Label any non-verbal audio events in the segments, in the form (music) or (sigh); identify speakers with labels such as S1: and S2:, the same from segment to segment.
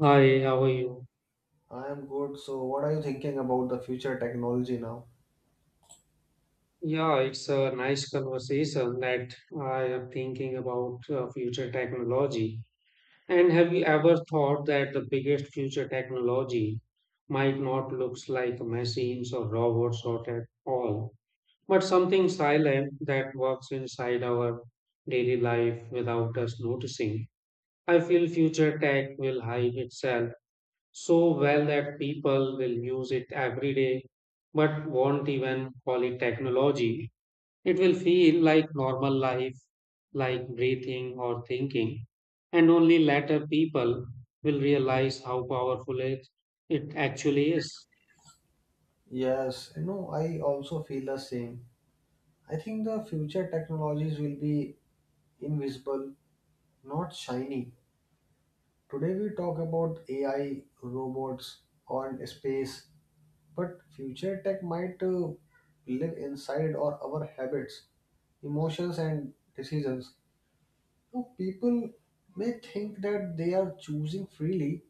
S1: Hi, how are you?
S2: I am good. So, what are you thinking about the future technology now?
S1: Yeah, it's a nice conversation that I am thinking about future technology. And have you ever thought that the biggest future technology might not looks like machines or robots or at all, but something silent that works inside our daily life without us noticing? I feel future tech will hide itself so well that people will use it every day but won't even call it technology. It will feel like normal life, like breathing or thinking, and only later people will realize how powerful it actually is.
S2: Yes, you know, I also feel the same. I think the future technologies will be invisible, not shiny. Today we talk about AI, robots, or space, but future tech might live inside or our habits, emotions, and decisions. So people may think that they are choosing freely,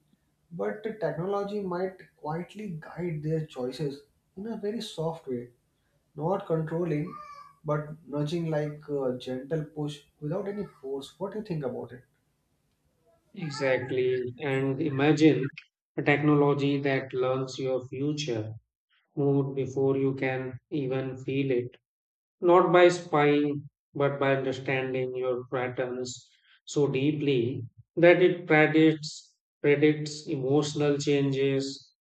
S2: but technology might quietly guide their choices in a very soft way, not controlling, but nudging like a gentle push without any force. What do you think about it?
S1: Exactly. And imagine a technology that learns your future mood before you can even feel it. Not by spying, but by understanding your patterns so deeply that it predicts emotional changes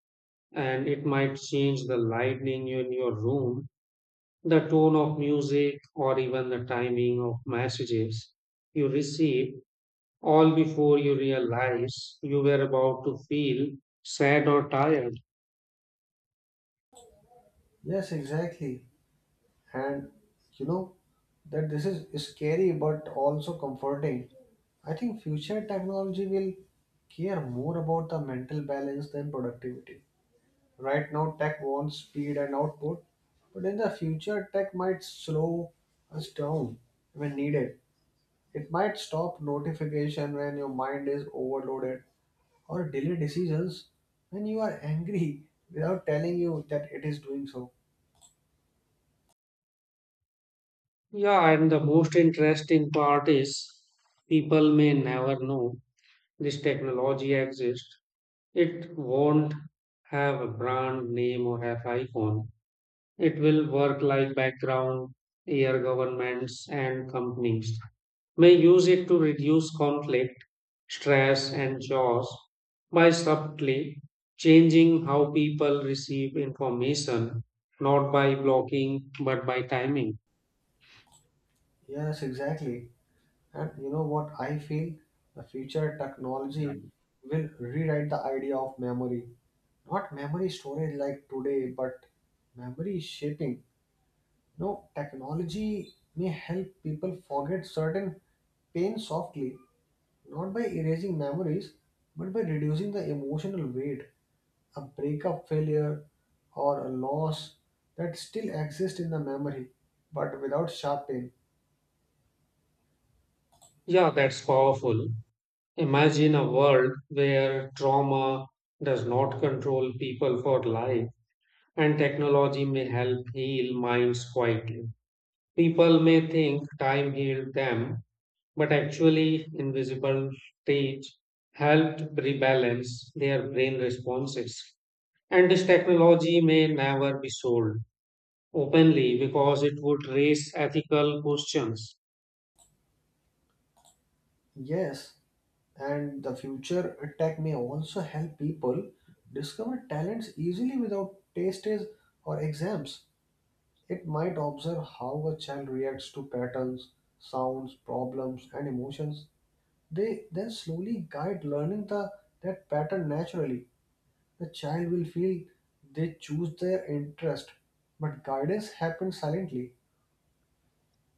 S1: and it might change the lighting in your room, the tone of music, or even the timing of messages you receive, all before you realize you were about to feel sad or tired.
S2: Yes, exactly. And you know that this is scary but also comforting. I think future technology will care more about the mental balance than productivity. Right now, tech wants speed and output, but in the future, tech might slow us down when needed. It might stop notification when your mind is overloaded or delay decisions when you are angry without telling you that it is doing so.
S1: Yeah, and the most interesting part is people may never know this technology exists, it won't have a brand name or have icon. It will work like background air governments and companies may use it to reduce conflict, stress, and chaos by subtly changing how people receive information, not by blocking but by timing.
S2: Yes, exactly. And you know what I feel? The future technology will rewrite the idea of memory. Not memory storage like today, but memory shaping. No, technology may help people forget certain pain softly, not by erasing memories, but by reducing the emotional weight. A breakup failure or a loss that still exists in the memory, but without sharp pain.
S1: Yeah, that's powerful. Imagine a world where trauma does not control people for life and technology may help heal minds quietly. People may think time healed them, but actually, invisible stage helped rebalance their brain responses. And this technology may never be sold openly because it would raise ethical questions.
S2: Yes, and the future tech may also help people discover talents easily without tests or exams. It might observe how a child reacts to patterns, sounds, problems, and emotions. They then slowly guide learning the that pattern naturally. The child will feel they choose their interest, but guidance happens silently.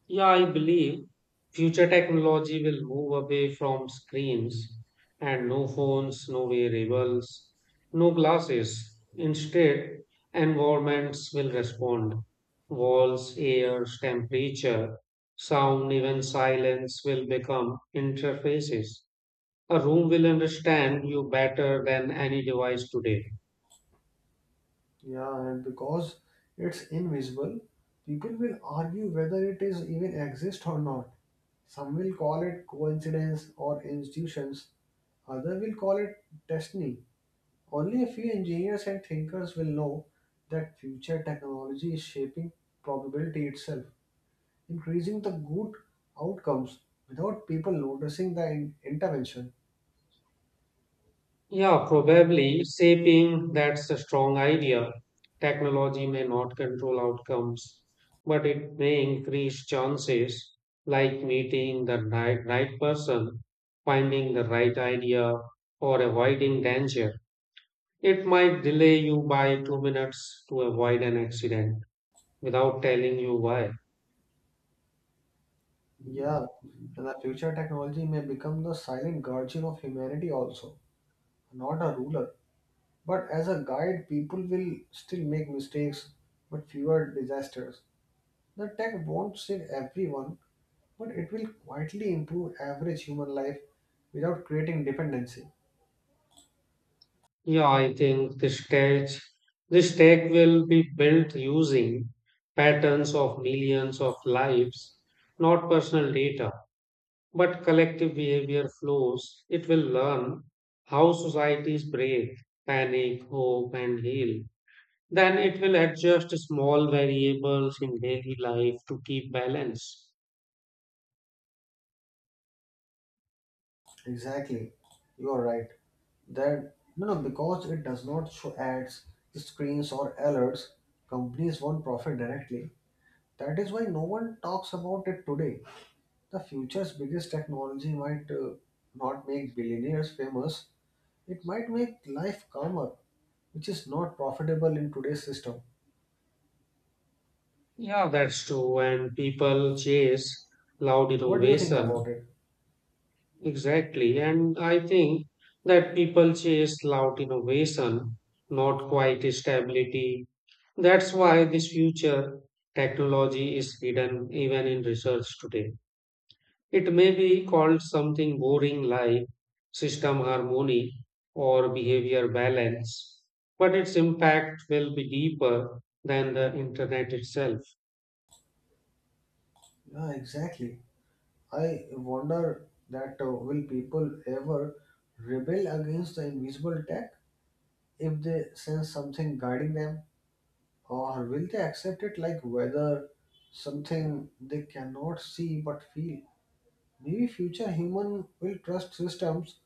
S1: Yeah, I believe future technology will move away from screens and no phones, no wearables, no glasses. Instead, environments will respond. Walls, air, temperature, sound, even silence will become interfaces. A room will understand you better than any device today.
S2: Yeah, and because it's invisible, people will argue whether it is even exist or not. Some will call it coincidence or institutions. Others will call it destiny. Only a few engineers and thinkers will know that future technology is shaping probability itself, increasing the good outcomes without people noticing the intervention.
S1: Yeah, probably shaping, that's a strong idea. Technology may not control outcomes, but it may increase chances, like meeting the right person, finding the right idea, or avoiding danger. It might delay you by 2 minutes to avoid an accident without telling you why.
S2: Yeah, and the future technology may become the silent guardian of humanity also, not a ruler. But as a guide, people will still make mistakes, but fewer disasters. The tech won't save everyone, but it will quietly improve average human life without creating dependency.
S1: Yeah, I think the stack will be built using patterns of millions of lives, not personal data, but collective behavior flows. It will learn how societies breathe, panic, hope, and heal. Then it will adjust small variables in daily life to keep balance.
S2: Exactly. You are right. That no no because it does not show ads, screens or alerts, companies won't profit directly. That is why no one talks about it today. The future's biggest technology might not make billionaires famous. It might make life calmer, which is not profitable in today's system.
S1: Yeah, that's true. And people chase loud
S2: What do you think
S1: innovation.
S2: about it?
S1: Exactly. And I think that people chase loud innovation, not quite stability. That's why this future technology is hidden even in research today. It may be called something boring like system harmony or behavior balance, but its impact will be deeper than the internet itself.
S2: Yeah, exactly. I wonder that will people ever rebel against the invisible tech? If they sense something guiding them, or will they accept it like weather, something they cannot see but feel? Maybe future human will trust systems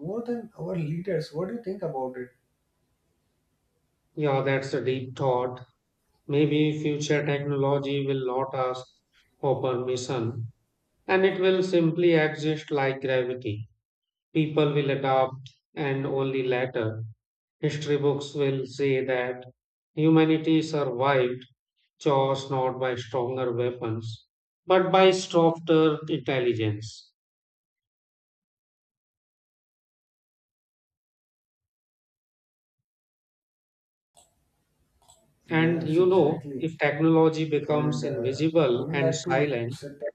S2: more than our leaders. What do you think about it?
S1: Yeah, that's a deep thought. Maybe future technology will not ask for permission and it will simply exist like gravity. People will adopt, and only later, history books will say that humanity survived chaos not by stronger weapons, but by softer intelligence. And
S2: Yes,
S1: you know,
S2: exactly.
S1: if technology
S2: And
S1: becomes invisible
S2: would you
S1: and
S2: like to
S1: silent,
S2: set that?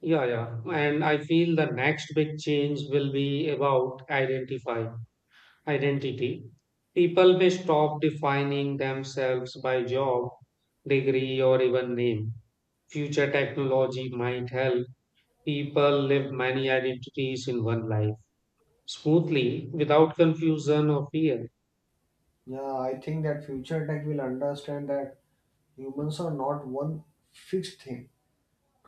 S1: yeah, yeah, and I feel the next big change will be about identify. Identity. People may stop defining themselves by job, degree, or even name. Future technology might help people live many identities in one life smoothly without confusion or fear.
S2: Yeah, I think that future tech will understand that humans are not one fixed thing.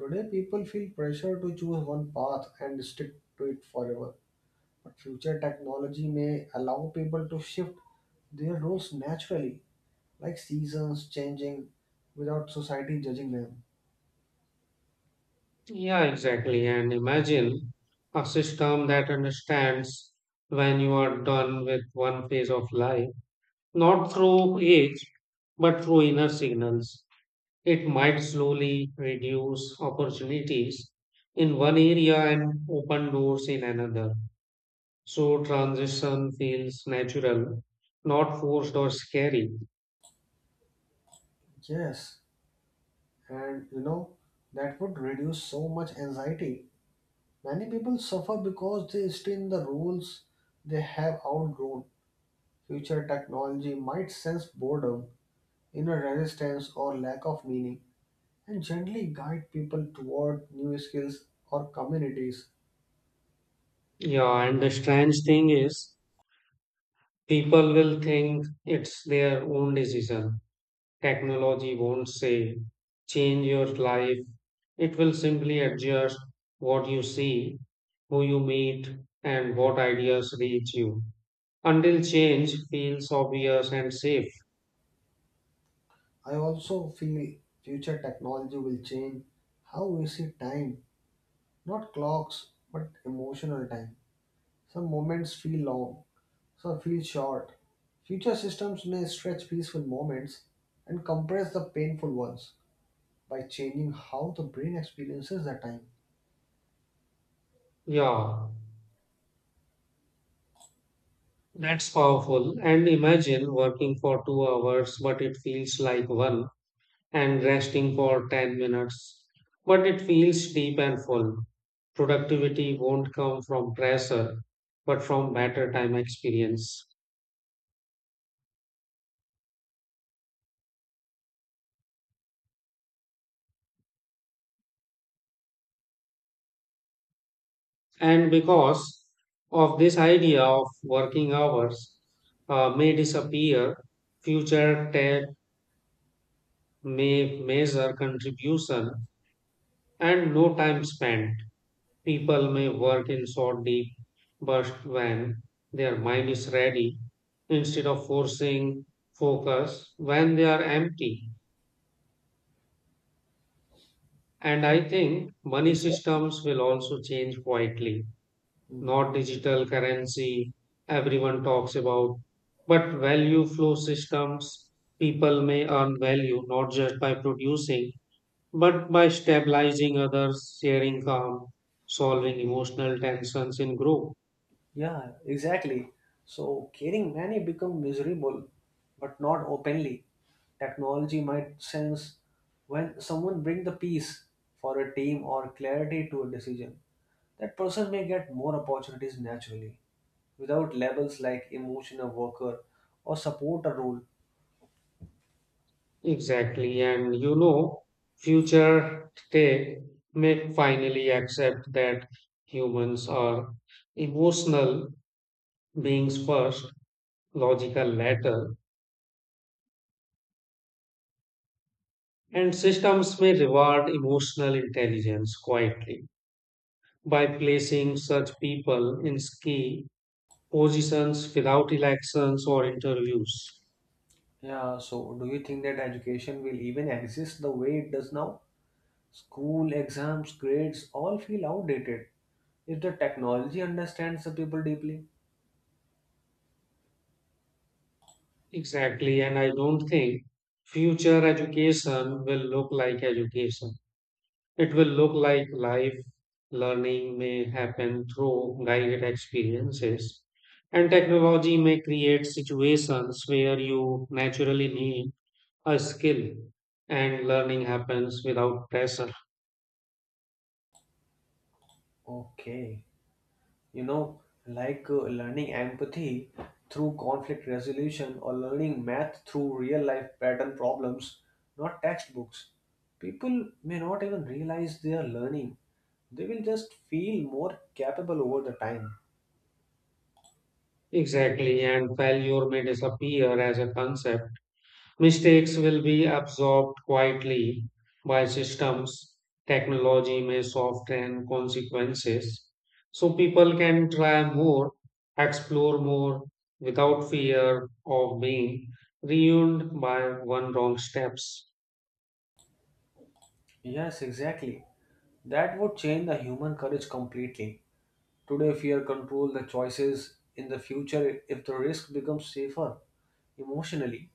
S2: Today people feel pressure to choose one path and stick to it forever, but future technology may allow people to shift their roles naturally, like seasons changing without society judging them.
S1: Yeah, exactly. And imagine a system that understands when you are done with one phase of life, not through age, but through inner signals. It might slowly reduce opportunities in one area and open doors in another. So transition feels natural, not forced or scary.
S2: Yes, and you know, that would reduce so much anxiety. Many people suffer because they stay in the roles they have outgrown. Future technology might sense boredom, inner resistance, or lack of meaning, and gently guide people toward new skills or communities.
S1: Yeah, and the strange thing is, people will think it's their own decision. Technology won't say, change your life. It will simply adjust what you see, who you meet, and what ideas reach you, until change feels obvious and safe.
S2: I also feel future technology will change how we see time, not clocks, but emotional time. Some moments feel long, some feel short. Future systems may stretch peaceful moments and compress the painful ones by changing how the brain experiences the time.
S1: Yeah, that's powerful. And imagine working for 2 hours, but it feels like one, and resting for 10 minutes, but it feels deep and full. Productivity won't come from pressure, but from better time experience. And because of this idea of working hours may disappear, future tech may measure contribution and no time spent. People may work in short, deep bursts when their mind is ready instead of forcing focus when they are empty. And
S2: Yeah,
S1: I think money
S2: exactly.
S1: systems will also change quietly,
S2: Mm.
S1: not digital currency everyone talks about, but value flow systems. People may earn value not just by producing but by stabilizing others, sharing calm, solving emotional tensions in group.
S2: Yeah, exactly. So caring many become miserable, but not openly. Technology might sense when someone bring the peace for a team or clarity to a decision. That person may get more opportunities naturally, without labels like emotional worker or supporter role.
S1: Exactly. And you know, future tech may finally accept that humans are emotional beings first, logical later, and systems may reward emotional intelligence quietly by placing such people in key positions without elections or interviews.
S2: Yeah, so do you think that education will even exist the way it does now? School, exams, grades all feel outdated if the technology understands the people deeply.
S1: Exactly, and I don't think future education will look like education. It will look like life learning may happen through guided experiences, and technology may create situations where you naturally need a skill and learning happens without pressure.
S2: Okay. You know, like learning empathy through conflict resolution or learning math through real life pattern problems, not textbooks. People may not even realize they are learning. They will just feel more capable over the time.
S1: Exactly, and failure may disappear as a concept. Mistakes will be absorbed quietly by systems. Technology may soften consequences. So people can try more, explore more without fear of being ruined by one wrong steps.
S2: Yes, exactly. That would change the human courage completely. Today, fear control the choices. In the future, if the risk becomes safer emotionally,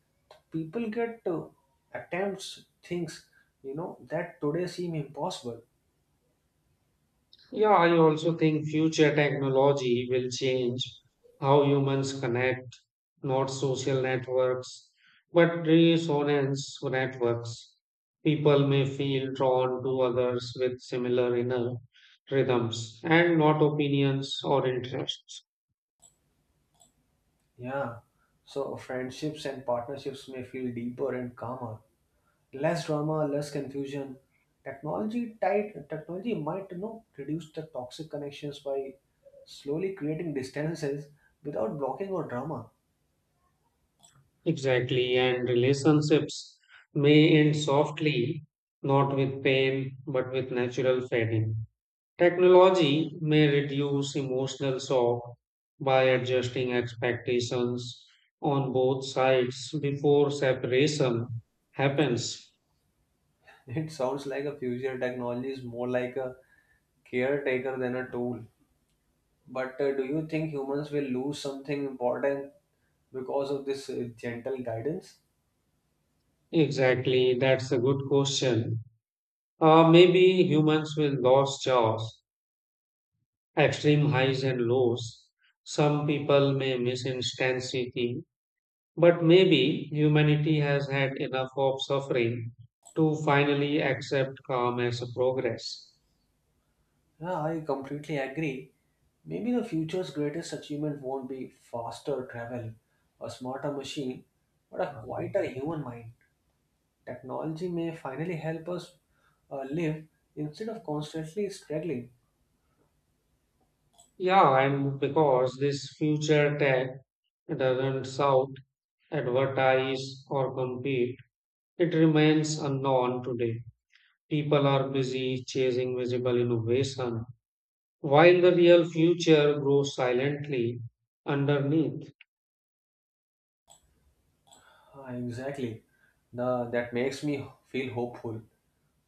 S2: people get attempts things you know that today seem impossible.
S1: Yeah, I also think future technology will change how humans connect, not social networks, but resonance networks. People may feel drawn to others with similar inner rhythms and not opinions or interests.
S2: Yeah, so friendships and partnerships may feel deeper and calmer, less drama, less confusion. Technology tight technology might, you know, reduce the toxic connections by slowly creating distances without blocking or drama.
S1: Exactly, and relationships may end softly, not with pain, but with natural fading. Technology may reduce emotional shock by adjusting expectations on both sides before separation happens.
S2: (laughs) It sounds like a future technology is more like a caretaker than a tool, but do you think humans will lose something important because of this gentle guidance?
S1: Exactly, that's a good question. Maybe humans will lose jobs, extreme highs and lows. Some people may miss intensity, but maybe humanity has had enough of suffering to finally accept calm as a progress.
S2: Yeah, I completely agree. Maybe the future's greatest achievement won't be faster travel, a smarter machine, but a quieter human mind. Technology may finally help us live instead of constantly struggling.
S1: Yeah, I'm because this future tech doesn't shout, advertise, or compete. It remains unknown today. People are busy chasing visible innovation, while the real future grows silently underneath.
S2: Ah, exactly. The, that makes me feel hopeful.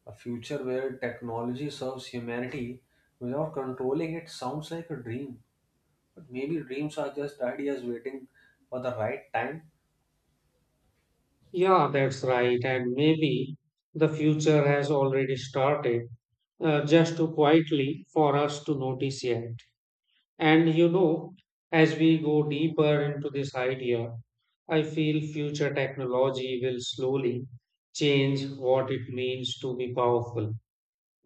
S2: A future where technology serves humanity without controlling it sounds like a dream. But maybe dreams are just ideas waiting for the right time.
S1: Yeah, that's right. And maybe the future has already started, just too quietly for us to notice yet. And you know, as we go deeper into this idea, I feel future technology will slowly change what it means to be powerful.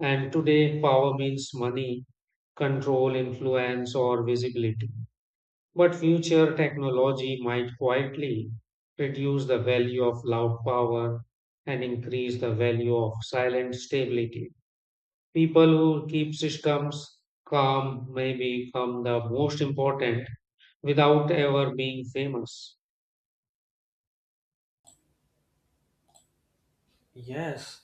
S1: And today, power means money, control, influence, or visibility. But future technology might quietly reduce the value of loud power and increase the value of silent stability. People who keep systems calm may become the most important without ever being famous.
S2: Yes,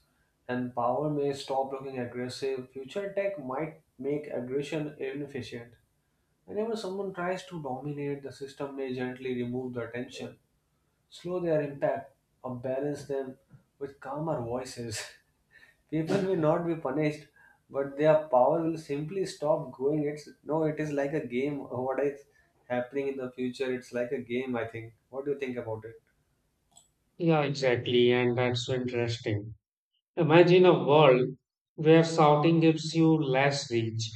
S2: and power may stop looking aggressive. Future tech might make aggression inefficient. Whenever someone tries to dominate, the system may gently remove the attention, slow their impact, or balance them with calmer voices. (laughs) People will not be punished, but their power will simply stop growing. It's no, it is like a game. What is happening in the future? It's like a game, I think. What do you think about it?
S1: Yeah, exactly. And that's so interesting. Imagine a world where shouting gives you less reach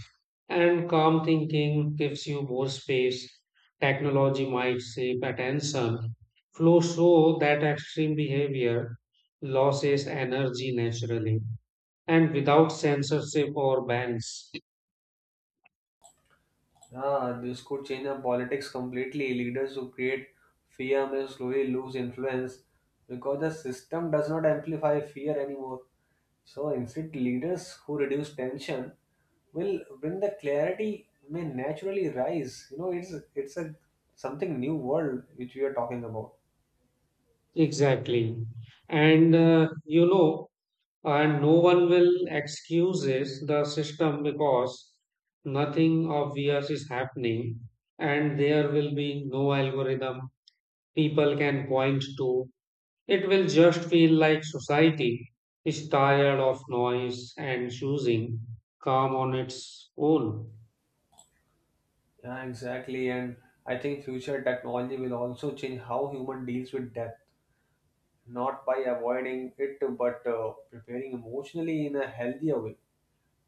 S1: and calm thinking gives you more space. Technology might shape attention flow so that extreme behavior loses energy naturally and without censorship or bans.
S2: Yeah, this could change the politics completely. Leaders who create fear may slowly lose influence because the system does not amplify fear anymore. So instead, leaders who reduce tension will bring the clarity may naturally rise. You know, it's a something new world which we are talking about.
S1: Exactly. And you know, and no one will excuses the system because nothing obvious is happening and there will be no algorithm people can point to. It will just feel like society is tired of noise and choosing calm on its own.
S2: Yeah, exactly. And I think future technology will also change how human deals with death, not by avoiding it, but preparing emotionally in a healthier way.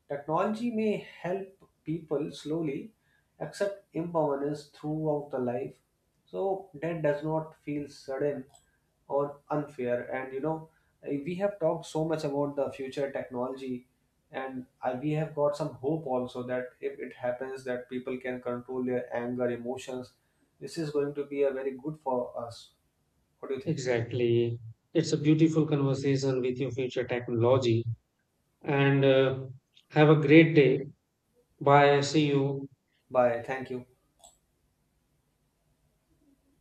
S2: Technology may help people slowly accept impermanence throughout the life, so that does not feel sudden or unfair. And you know, we have talked so much about the future technology, and we have got some hope also that if it happens, that people can control their anger, emotions. This is going to be a very good for us. What do you think?
S1: Exactly. It's a beautiful conversation with your future technology and have a great day. Bye. See you.
S2: Bye. Thank you.